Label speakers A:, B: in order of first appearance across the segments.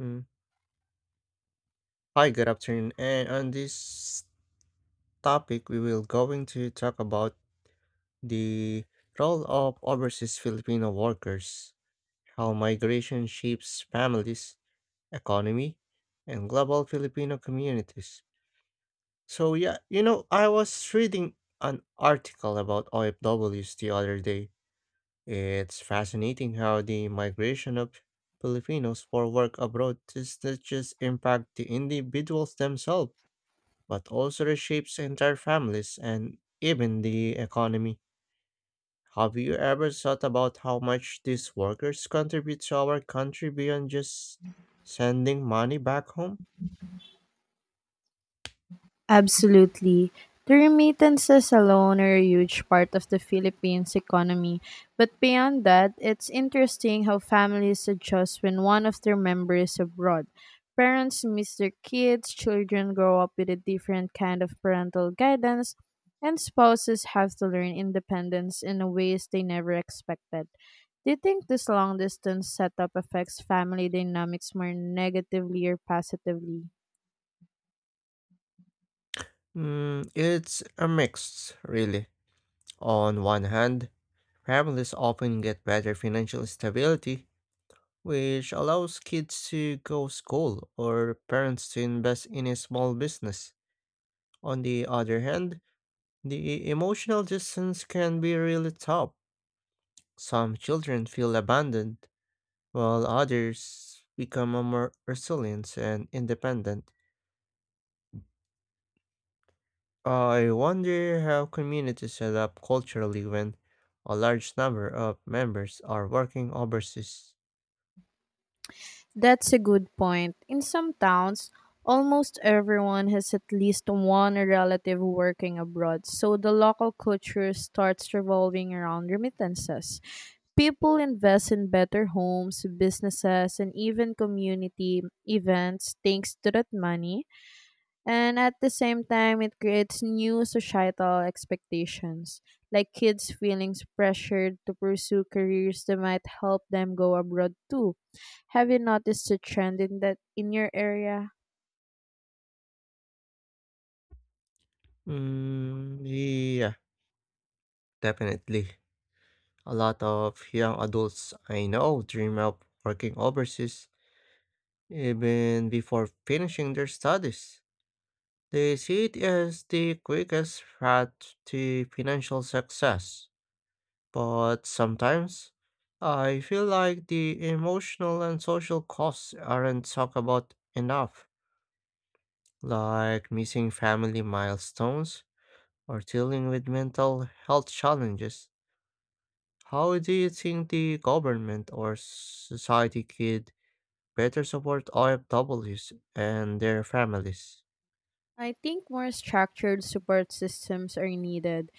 A: Mm. Hi, good afternoon. And on this topic, we will going to talk about the role of overseas Filipino workers, how migration shapes families, economy, and global Filipino communities. So yeah, I was reading an article about OFWs the other day. It's fascinating how the migration of Filipinos for work abroad does not just impact the individuals themselves but also reshapes entire families and even the economy. Have you ever thought about how much these workers contribute to our country beyond just sending money back home?
B: Absolutely. The remittances alone are a huge part of the Philippines' economy. But beyond that, it's interesting how families adjust when one of their members is abroad. Parents miss their kids, children grow up with a different kind of parental guidance, and spouses have to learn independence in ways they never expected. Do you think this long distance setup affects family dynamics more negatively or positively?
A: Mm, it's a mix, really. On one hand, families often get better financial stability, which allows kids to go school or parents to invest in a small business. On the other hand, the emotional distance can be really tough. Some children feel abandoned, while others become more resilient and independent. I wonder how communities adapt culturally when a large number of members are working overseas.
B: That's a good point. In some towns, almost everyone has at least one relative working abroad, so the local culture starts revolving around remittances. People invest in better homes, businesses, and even community events thanks to that money. And at the same time, it creates new societal expectations, like kids feeling pressured to pursue careers that might help them go abroad too. Have you noticed a trend in that in your area?
A: Mm, yeah, definitely. A lot of young adults I know dream of working overseas even before finishing their studies. They see it as the quickest path to financial success. But sometimes I feel like the emotional and social costs aren't talked about enough, like missing family milestones or dealing with mental health challenges. How do you think the government or society could better support OFWs and their families?
B: I think more structured support systems are needed.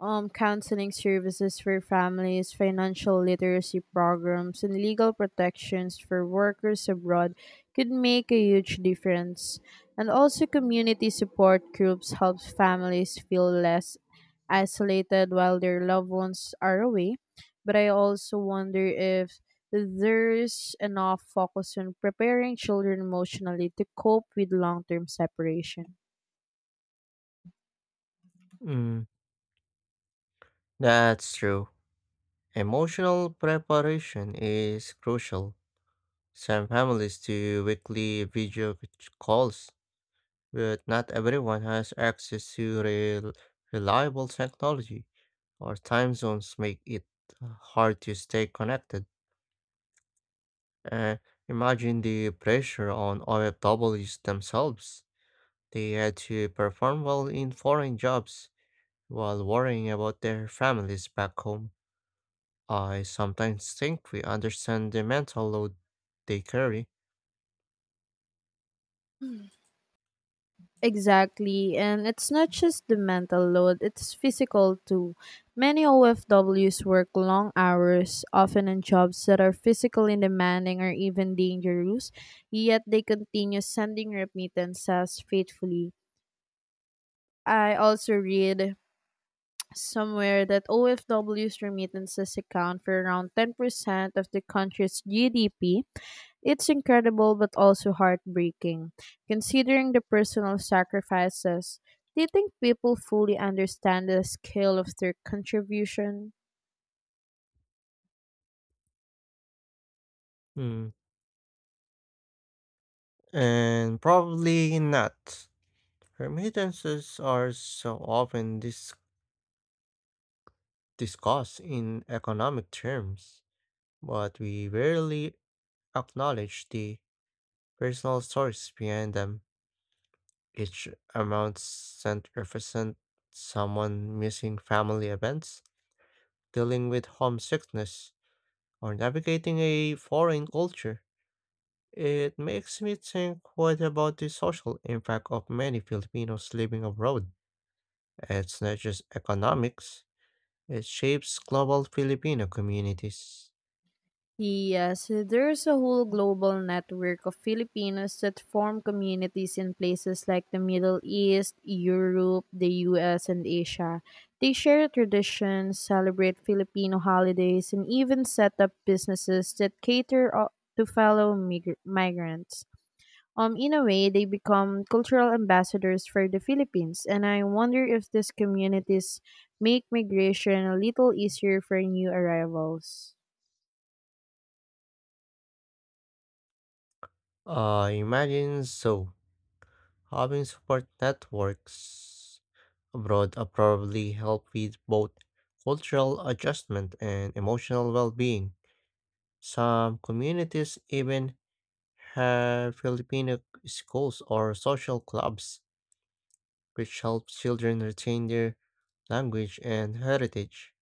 B: Counseling services for families, financial literacy programs, and legal protections for workers abroad could make a huge difference. And also, community support groups helps families feel less isolated while their loved ones are away. But I also wonder if there's enough focus on preparing children emotionally to cope with long term separation.
A: Mm, that's true. Emotional preparation is crucial. Some families do weekly video calls but not everyone has access to reliable technology. Or time zones make it uh, hard to stay connected. Uh, Imagine the pressure on OFWs themselves. They had to perform well in foreign jobs while worrying about their families back home. I sometimes think we understand the mental load they carry.
B: Exactly. And it's not just the mental load, it's physical too. Many OFWs work long hours, often in jobs that are physically demanding or even dangerous, yet they continue sending remittances faithfully. I also read somewhere that OFWs' remittances account for around 10% of the country's GDP. It's incredible but also heartbreaking, considering the personal sacrifices. Do you think people fully understand the scale of their contribution?
A: Hmm, And probably not. Remittances are so often this discussed in economic terms, but we rarely acknowledge the personal stories behind them. Each amount sent represent someone missing family events, dealing with homesickness, or navigating a foreign culture. It makes me think, what about the social impact of many Filipinos living abroad? It's not just economics, it shapes global Filipino communities.
B: Yes, there's a whole global network of Filipinos that form communities in places like the Middle East, Europe, the US, and Asia. They share traditions, celebrate Filipino holidays, and even set up businesses that to fellow migrants. In a way, they become cultural ambassadors for the Philippines, and I wonder if these communities make migration a little easier for new arrivals.
A: I imagine so. Having support networks abroad probably help with both cultural adjustment and emotional well-being. Some communities even have Filipino schools or social clubs, which help children retain their language and heritage.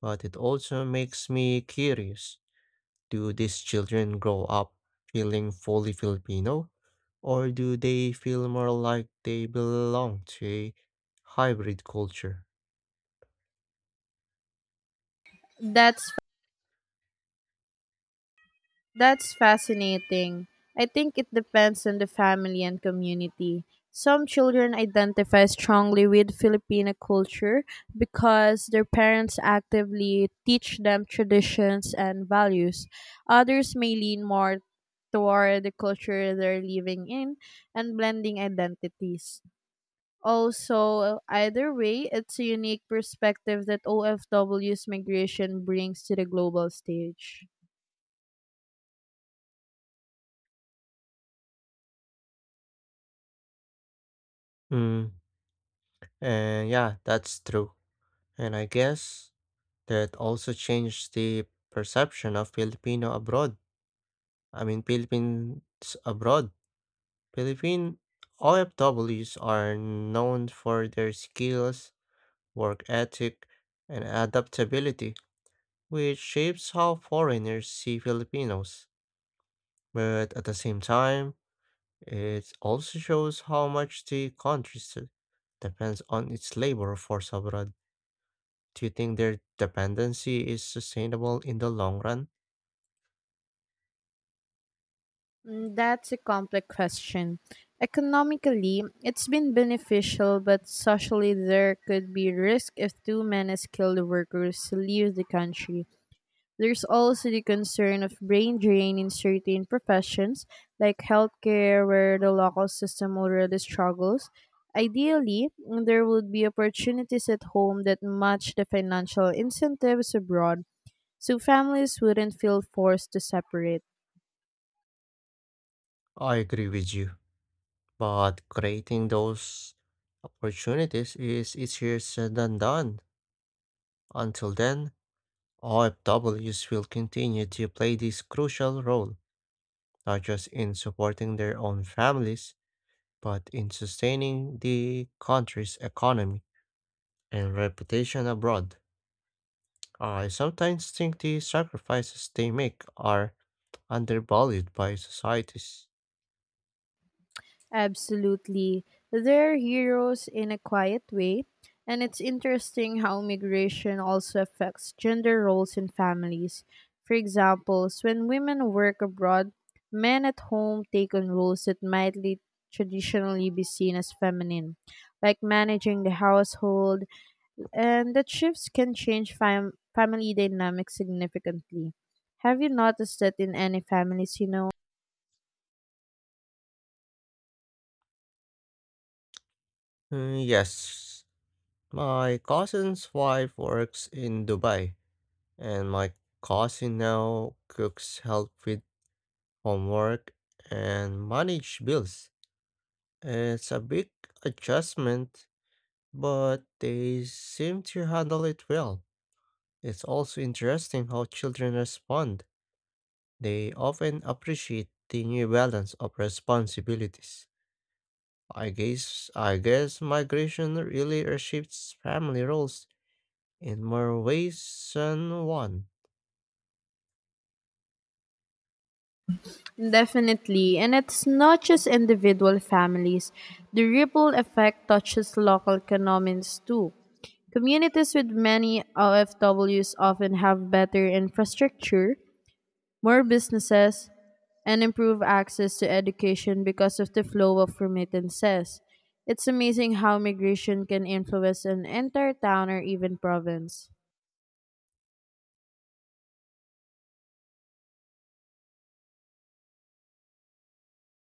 A: But it also makes me curious. Do these children grow up feeling fully Filipino, or do they feel more like they belong to a hybrid culture?
B: That's That's fascinating. I think it depends on the family and community. Some children identify strongly with Filipino culture because their parents actively teach them traditions and values. Others may lean more toward the culture they're living in and blending identities. Also, either way, it's a unique perspective that OFW's migration brings to the global stage.
A: Mm, and yeah, that's true. And I guess that also changed the perception of Filipino abroad. I mean, Philippines abroad. Philippine OFWs are known for their skills, work ethic, and adaptability, which shapes how foreigners see Filipinos. But at the same time, it also shows how much the country depends on its labor force abroad. Do you think their dependency is sustainable in the long run?
B: Mm, that's a complex question. Economically, it's been beneficial, but socially, there could be risk if too many skilled workers leave the country. There's also the concern of brain drain in certain professions, like healthcare, where the local system already struggles. Ideally, there would be opportunities at home that match the financial incentives abroad, so families wouldn't feel forced to separate.
A: I agree with you, but creating those opportunities is easier said than done. Until then, OFWs will continue to play this crucial role, not just in supporting their own families, but in sustaining the country's economy and reputation abroad. I sometimes think the sacrifices they make are undervalued by societies.
B: Absolutely. They're heroes in a quiet way, and it's interesting how migration also affects gender roles in families. For example, when women work abroad, men at home take on roles that might lead traditionally be seen as feminine, like managing the household, and that shifts can change family dynamics significantly. Have you noticed that in any families you know?
A: Mm, yes, my cousin's wife works in Dubai, and my cousin now cooks help with homework and manage bills. It's a big adjustment, but they seem to handle it well. It's also interesting how children respond. They often appreciate the new balance of responsibilities. I guess migration really reshapes family roles in more ways than one.
B: Definitely, and it's not just individual families. The ripple effect touches local economies too. Communities with many OFWs often have better infrastructure, more businesses, and improved access to education because of the flow of remittances. It's amazing how migration can influence an entire town or even province.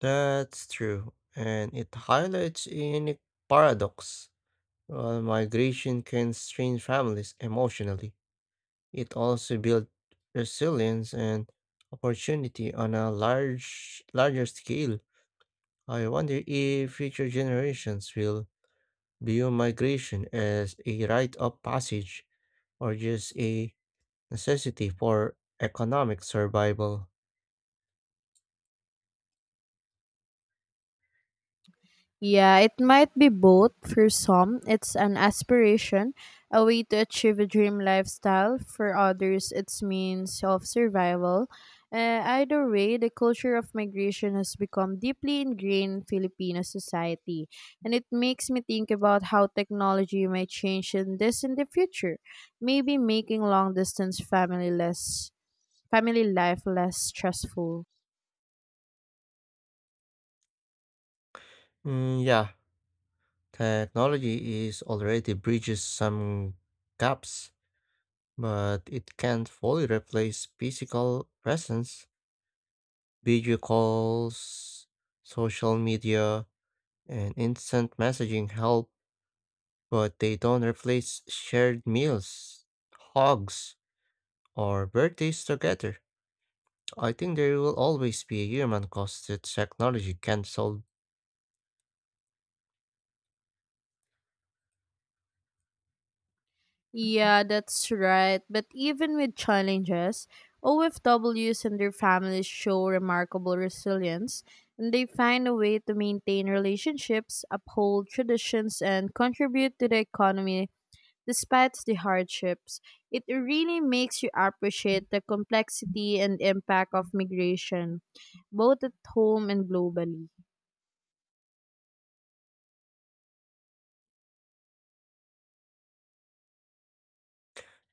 A: That's true, and it highlights a unique paradox. While migration can strain families emotionally, it also builds resilience and opportunity on a larger scale. I wonder if future generations will view migration as a rite of passage or just a necessity for economic survival.
B: Yeah, it might be both. For some, it's an aspiration, a way to achieve a dream lifestyle. For others, it's means of survival. Either way, the culture of migration has become deeply ingrained in Filipino society, and it makes me think about how technology might change in the future, maybe making long distance family life less stressful.
A: Mm, yeah, technology is already bridges some gaps, but it can't fully replace physical presence. Video calls, social media, and instant messaging help, but they don't replace shared meals, hugs, or birthdays together. I think there will always be a human cost that technology can't solve.
B: Yeah, that's right. But even with challenges, OFWs and their families show remarkable resilience, and they find a way to maintain relationships, uphold traditions, and contribute to the economy despite the hardships. It really makes you appreciate the complexity and impact of migration, both at home and globally.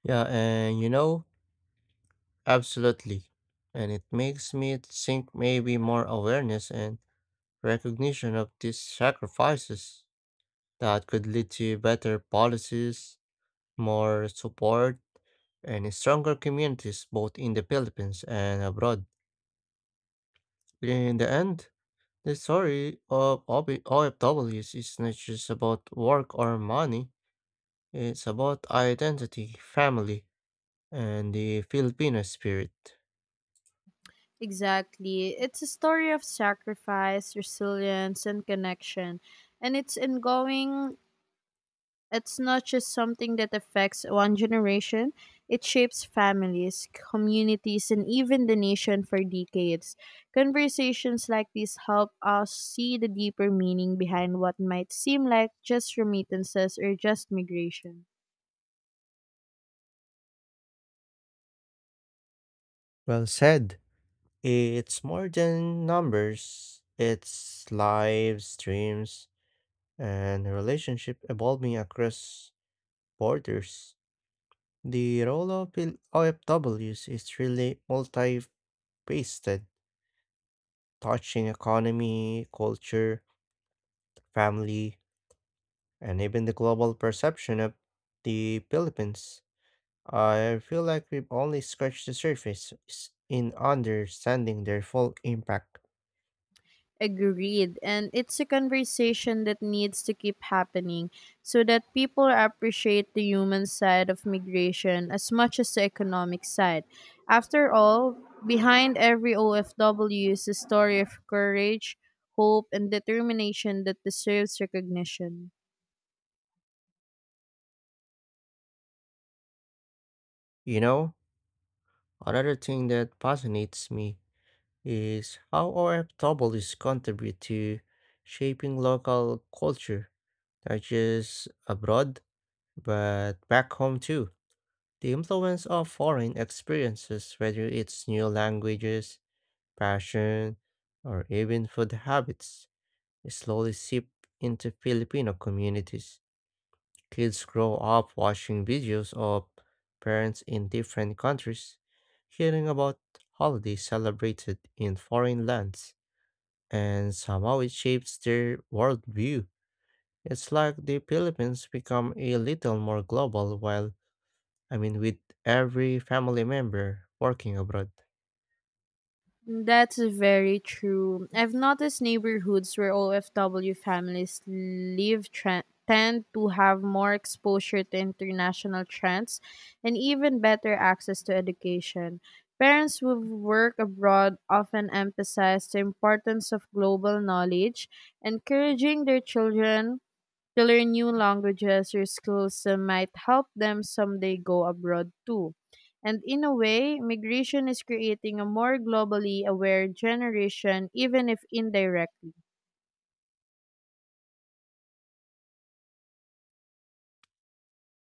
A: Yeah, absolutely. And it makes me think maybe more awareness and recognition of these sacrifices that could lead to better policies, more support, and stronger communities both in the Philippines and abroad. In the end, the story of OFWs is not just about work or money. It's about identity, family, and the Filipino spirit.
B: Exactly. It's a story of sacrifice, resilience, and connection, and it's ongoing. It's not just something that affects one generation, it shapes families, communities, and even the nation for decades. Conversations like these help us see the deeper meaning behind what might seem like just remittances or just migration.
A: Well said. It's more than numbers, it's lives, dreams, and relationship evolving across borders. The role of OFWs is really multifaceted, touching economy, culture, family, and even the global perception of the Philippines. I feel like we've only scratched the surface in understanding their full impact.
B: Agreed. And it's a conversation that needs to keep happening so that people appreciate the human side of migration as much as the economic side. After all, behind every OFW is a story of courage, hope, and determination that deserves recognition.
A: You know, another thing that fascinates me is how our troubles contribute to shaping local culture, not just abroad, but back home too. The influence of foreign experiences, whether it's new languages, fashion, or even food habits, slowly seep into Filipino communities. Kids grow up watching videos of parents in different countries, hearing about holidays celebrated in foreign lands, and somehow it shapes their worldview. It's like the Philippines become a little more global while, I mean, with every family member working abroad.
B: That's very true. I've noticed neighborhoods where OFW families tend to have more exposure to international trends and even better access to education. Parents who work abroad often emphasize the importance of global knowledge, encouraging their children to learn new languages or skills that might help them someday go abroad too. And in a way, migration is creating a more globally aware generation, even if indirectly.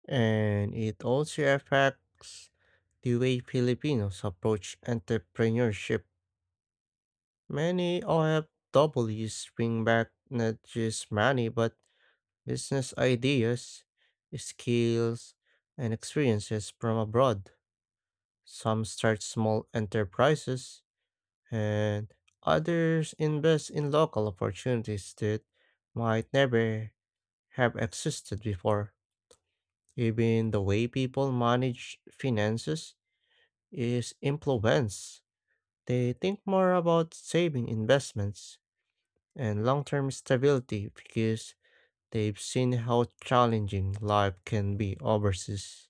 A: And it also affects the way Filipinos approach entrepreneurship. Many OFWs bring back not just money but business ideas, skills, and experiences from abroad. Some start small enterprises, and others invest in local opportunities that might never have existed before. Even the way people manage finances is influenced. They think more about saving investments and long term stability because they've seen how challenging life can be overseas.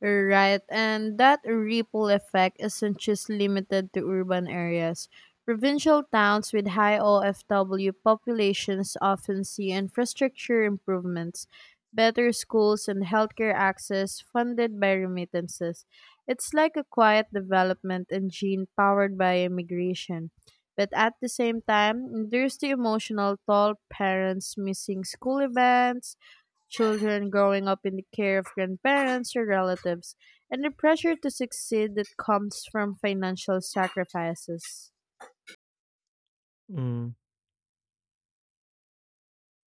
B: Right, and that ripple effect isn't just limited to urban areas. Provincial towns with high OFW populations often see infrastructure improvements, better schools, and healthcare access funded by remittances. It's like a quiet development engine powered by immigration. But at the same time, there's the emotional toll: parents missing school events, children growing up in the care of grandparents or relatives, and the pressure to succeed that comes from financial sacrifices.
A: Mm,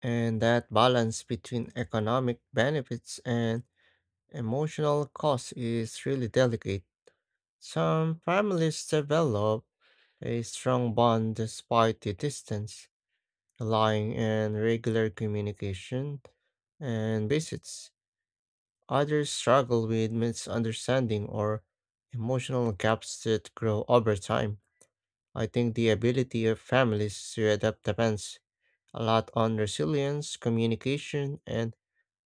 A: and that balance between economic benefits and emotional costs is really delicate. Some families develop a strong bond despite the distance, relying on regular communication and visits. Others struggle with misunderstanding or emotional gaps that grow over time. I think the ability of families to adapt depends a lot on resilience, communication, and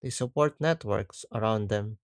A: the support networks around them.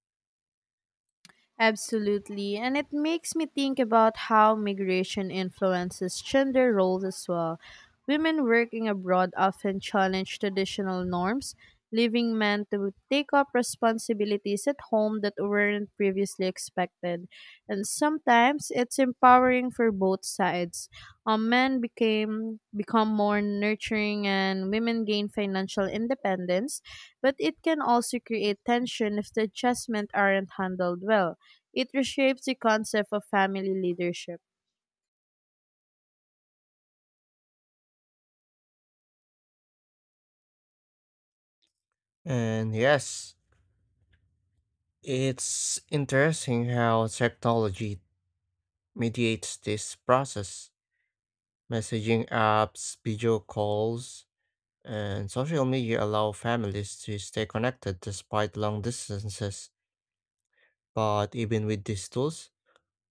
B: Absolutely, and it makes me think about how migration influences gender roles as well. Women working abroad often challenge traditional norms, leaving men to take up responsibilities at home that weren't previously expected. And sometimes it's empowering for both sides. Men became become more nurturing and women gain financial independence, but it can also create tension if the adjustments aren't handled well. It reshapes the concept of family leadership.
A: And yes, it's interesting how technology mediates this process. Messaging apps, video calls, and social media allow families to stay connected despite long distances. But even with these tools,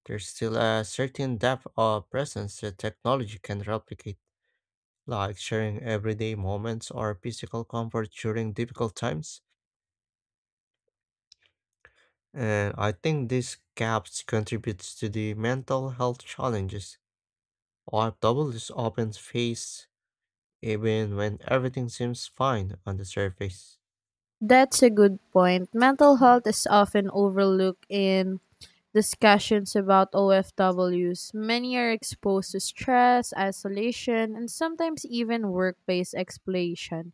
A: there's still a certain depth of presence that technology can replicate, like sharing everyday moments or physical comfort during difficult times. And I think these gaps contributes to the mental health challenges OFWs often face even when everything seems fine on the surface.
B: That's a good point. Mental health is often overlooked in discussions about OFWs. Many are exposed to stress, isolation, and sometimes even workplace exploitation.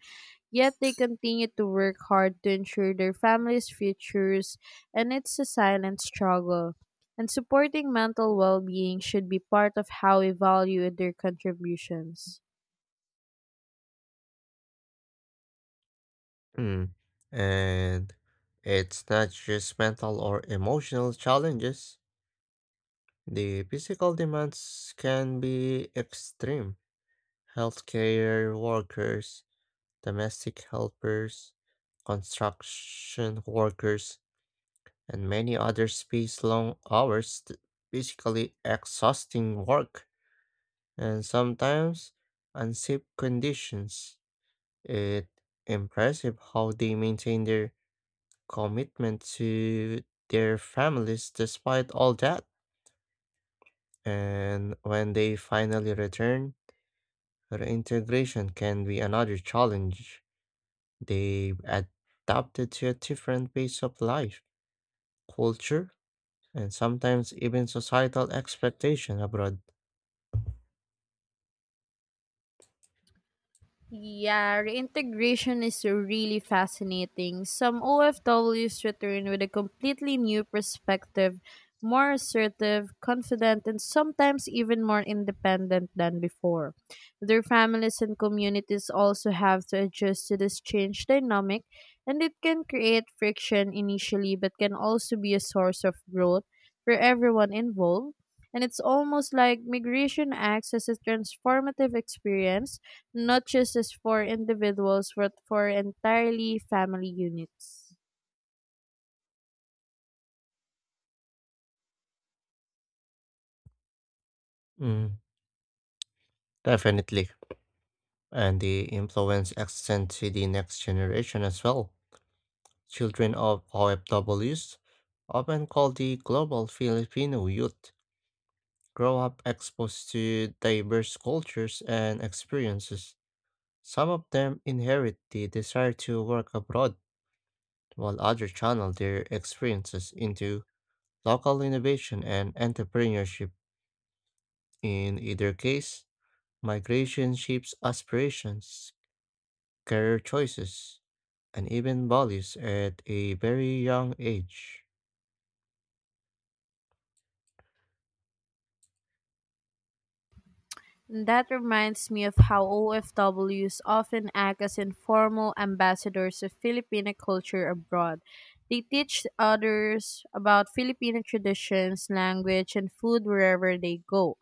B: Yet they continue to work hard to ensure their families' futures, and it's a silent struggle. And supporting mental well being should be part of how we value their contributions.
A: Mm. And it's not just mental or emotional challenges. The physical demands can be extreme. Healthcare workers, domestic helpers, construction workers, and many others face long hours, physically exhausting work, and sometimes unsafe conditions. It's impressive how they maintain their commitment to their families despite all that. And when they finally return, reintegration can be another challenge. They've adapted to a different pace of life, culture, and sometimes even societal expectation abroad.
B: Yeah, reintegration is really fascinating. Some OFWs return with a completely new perspective, more assertive, confident, and sometimes even more independent than before. Their families and communities also have to adjust to this change dynamic, and it can create friction initially but can also be a source of growth for everyone involved. And it's almost like migration acts as a transformative experience, not just as for individuals but for entirely family units.
A: Mm, definitely. And the influence extends to the next generation as well. Children of OFWs, often called the global Filipino youth, grow up exposed to diverse cultures and experiences. Some of them inherit the desire to work abroad, while others channel their experiences into local innovation and entrepreneurship. In either case, migration shapes aspirations, career choices, and even values at a very young age.
B: And that reminds me of how OFWs often act as informal ambassadors of Filipino culture abroad. They teach others about Filipino traditions, language, and food wherever they go.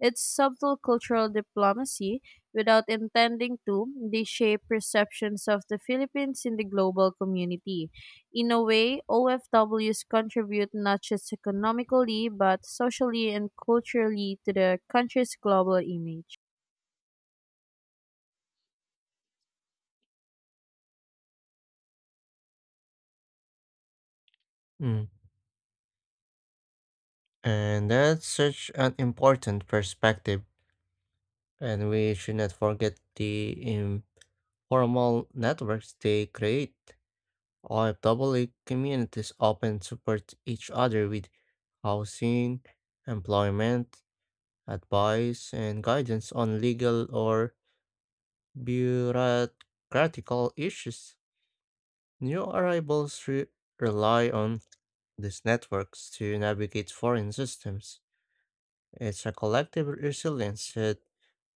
B: It's subtle cultural diplomacy. Without intending to, they shape perceptions of the Philippines in the global community. In a way, OFWs contribute not just economically, but socially and culturally to the country's global image.
A: Mm. And that's such an important perspective, and we should not forget the informal networks they create. OFAA communities often support each other with housing, employment, advice, and guidance on legal or bureaucratic issues. New arrivals rely on these networks to navigate foreign systems. It's a collective resilience that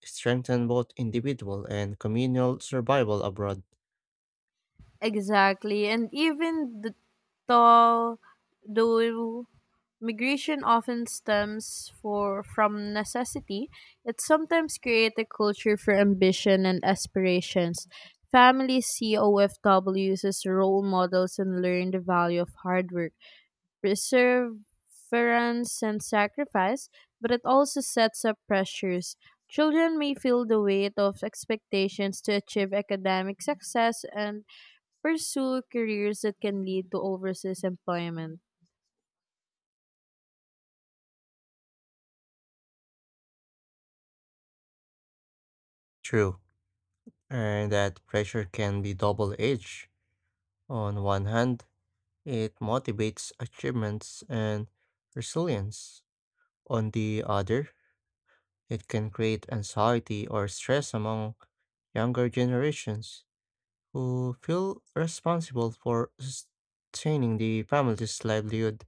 A: strengthens both individual and communal survival abroad.
B: Exactly, and even the though though migration often stems for from necessity, it sometimes creates a culture for ambition and aspirations. Families see OFWs as role models and learn the value of hard work, perseverance and sacrifice, but it also sets up pressures. Children may feel the weight of expectations to achieve academic success and pursue careers that can lead to overseas employment.
A: True, and that pressure can be double edged. On one hand, it motivates achievements and resilience. On the other, it can create anxiety or stress among younger generations who feel responsible for sustaining the family's livelihood.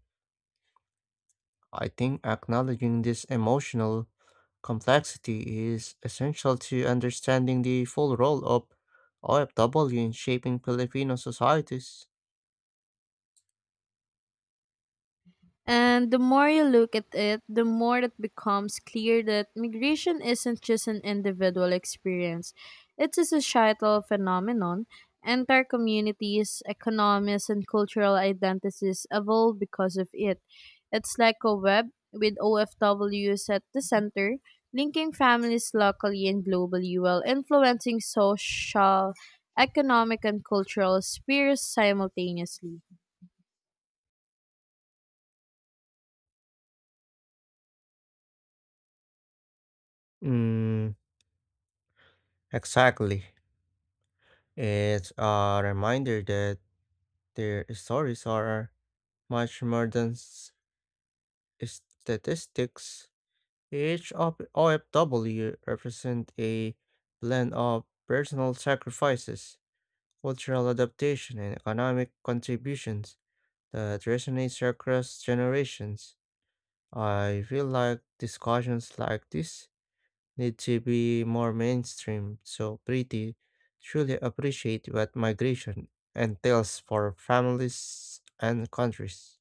A: I think acknowledging this emotional complexity is essential to understanding the full role of OFW in shaping Filipino societies.
B: And the more you look at it, the more it becomes clear that migration isn't just an individual experience, it's a societal phenomenon. Entire communities, economies, and cultural identities evolve because of it. It's like a web with OFWs at the center, linking families locally and globally while influencing social, economic, and cultural spheres simultaneously.
A: Mm, exactly. It's a reminder that their stories are much more than statistics. Each of OFW represent a blend of personal sacrifices, cultural adaptation, and economic contributions that resonates across generations. I feel like discussions like this need to be more mainstream so pretty truly appreciate what migration entails for families and countries.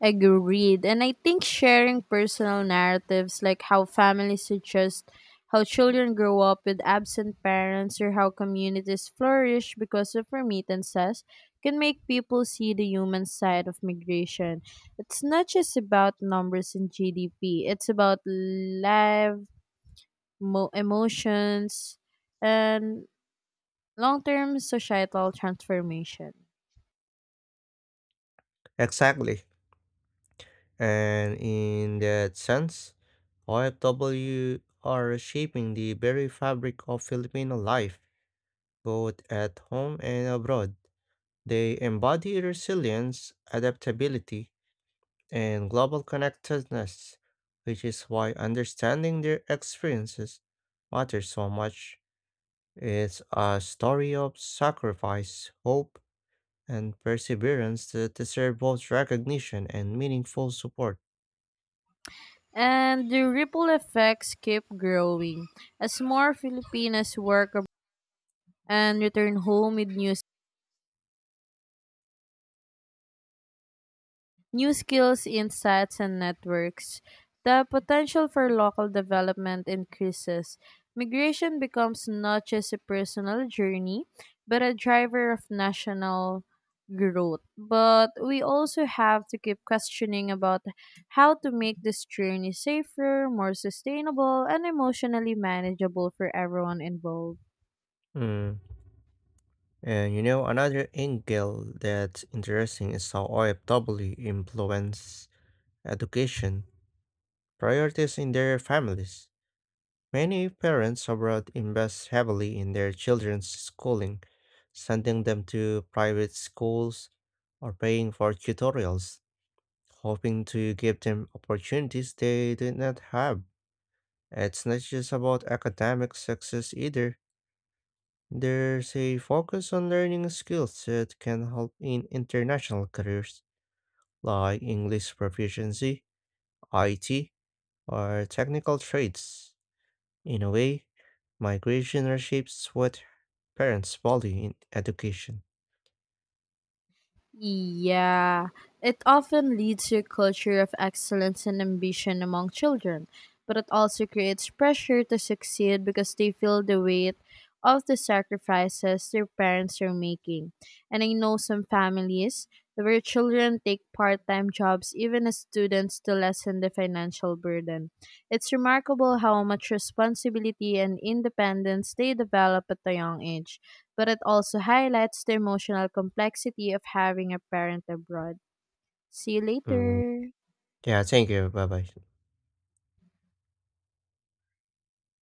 B: Agreed. And I think sharing personal narratives, like how families suggest how children grow up with absent parents or how communities flourish because of remittances, can make people see the human side of migration. It's not just about numbers and GDP, it's about emotions and long term societal transformation.
A: Exactly. And in that sense, OFW are shaping the very fabric of Filipino life, both at home and abroad. They embody resilience, adaptability, and global connectedness, which is why understanding their experiences matters so much. It's a story of sacrifice, hope, and perseverance that deserve both recognition and meaningful support.
B: And the ripple effects keep growing. As more Filipinas and return home with new skills, insights, and networks, the potential for local development increases. Migration becomes not just a personal journey, but a driver of national growth. But we also have to keep questioning about how to make this journey safer, more sustainable, and emotionally manageable for everyone involved.
A: Mm. And you know, another angle that's interesting is how OFW influence education priorities in their families. Many parents abroad invest heavily in their children's schooling, sending them to private schools or paying for tutorials, hoping to give them opportunities they did not have. It's not just about academic success either. There's a focus on learning skills that can help in international careers, like English proficiency, IT, or technical trades. In a way, migration reshapes what parents value in education.
B: Yeah, it often leads to a culture of excellence and ambition among children, but it also creates pressure to succeed because they feel the weight of the sacrifices their parents are making. And I know some families where children take part time jobs even as students to lessen the financial burden. It's remarkable how much responsibility and independence they develop at a young age, but it also highlights the emotional complexity of having a parent abroad. See you
A: Mm,
B: later.
A: yeah, thank you. Bye bye.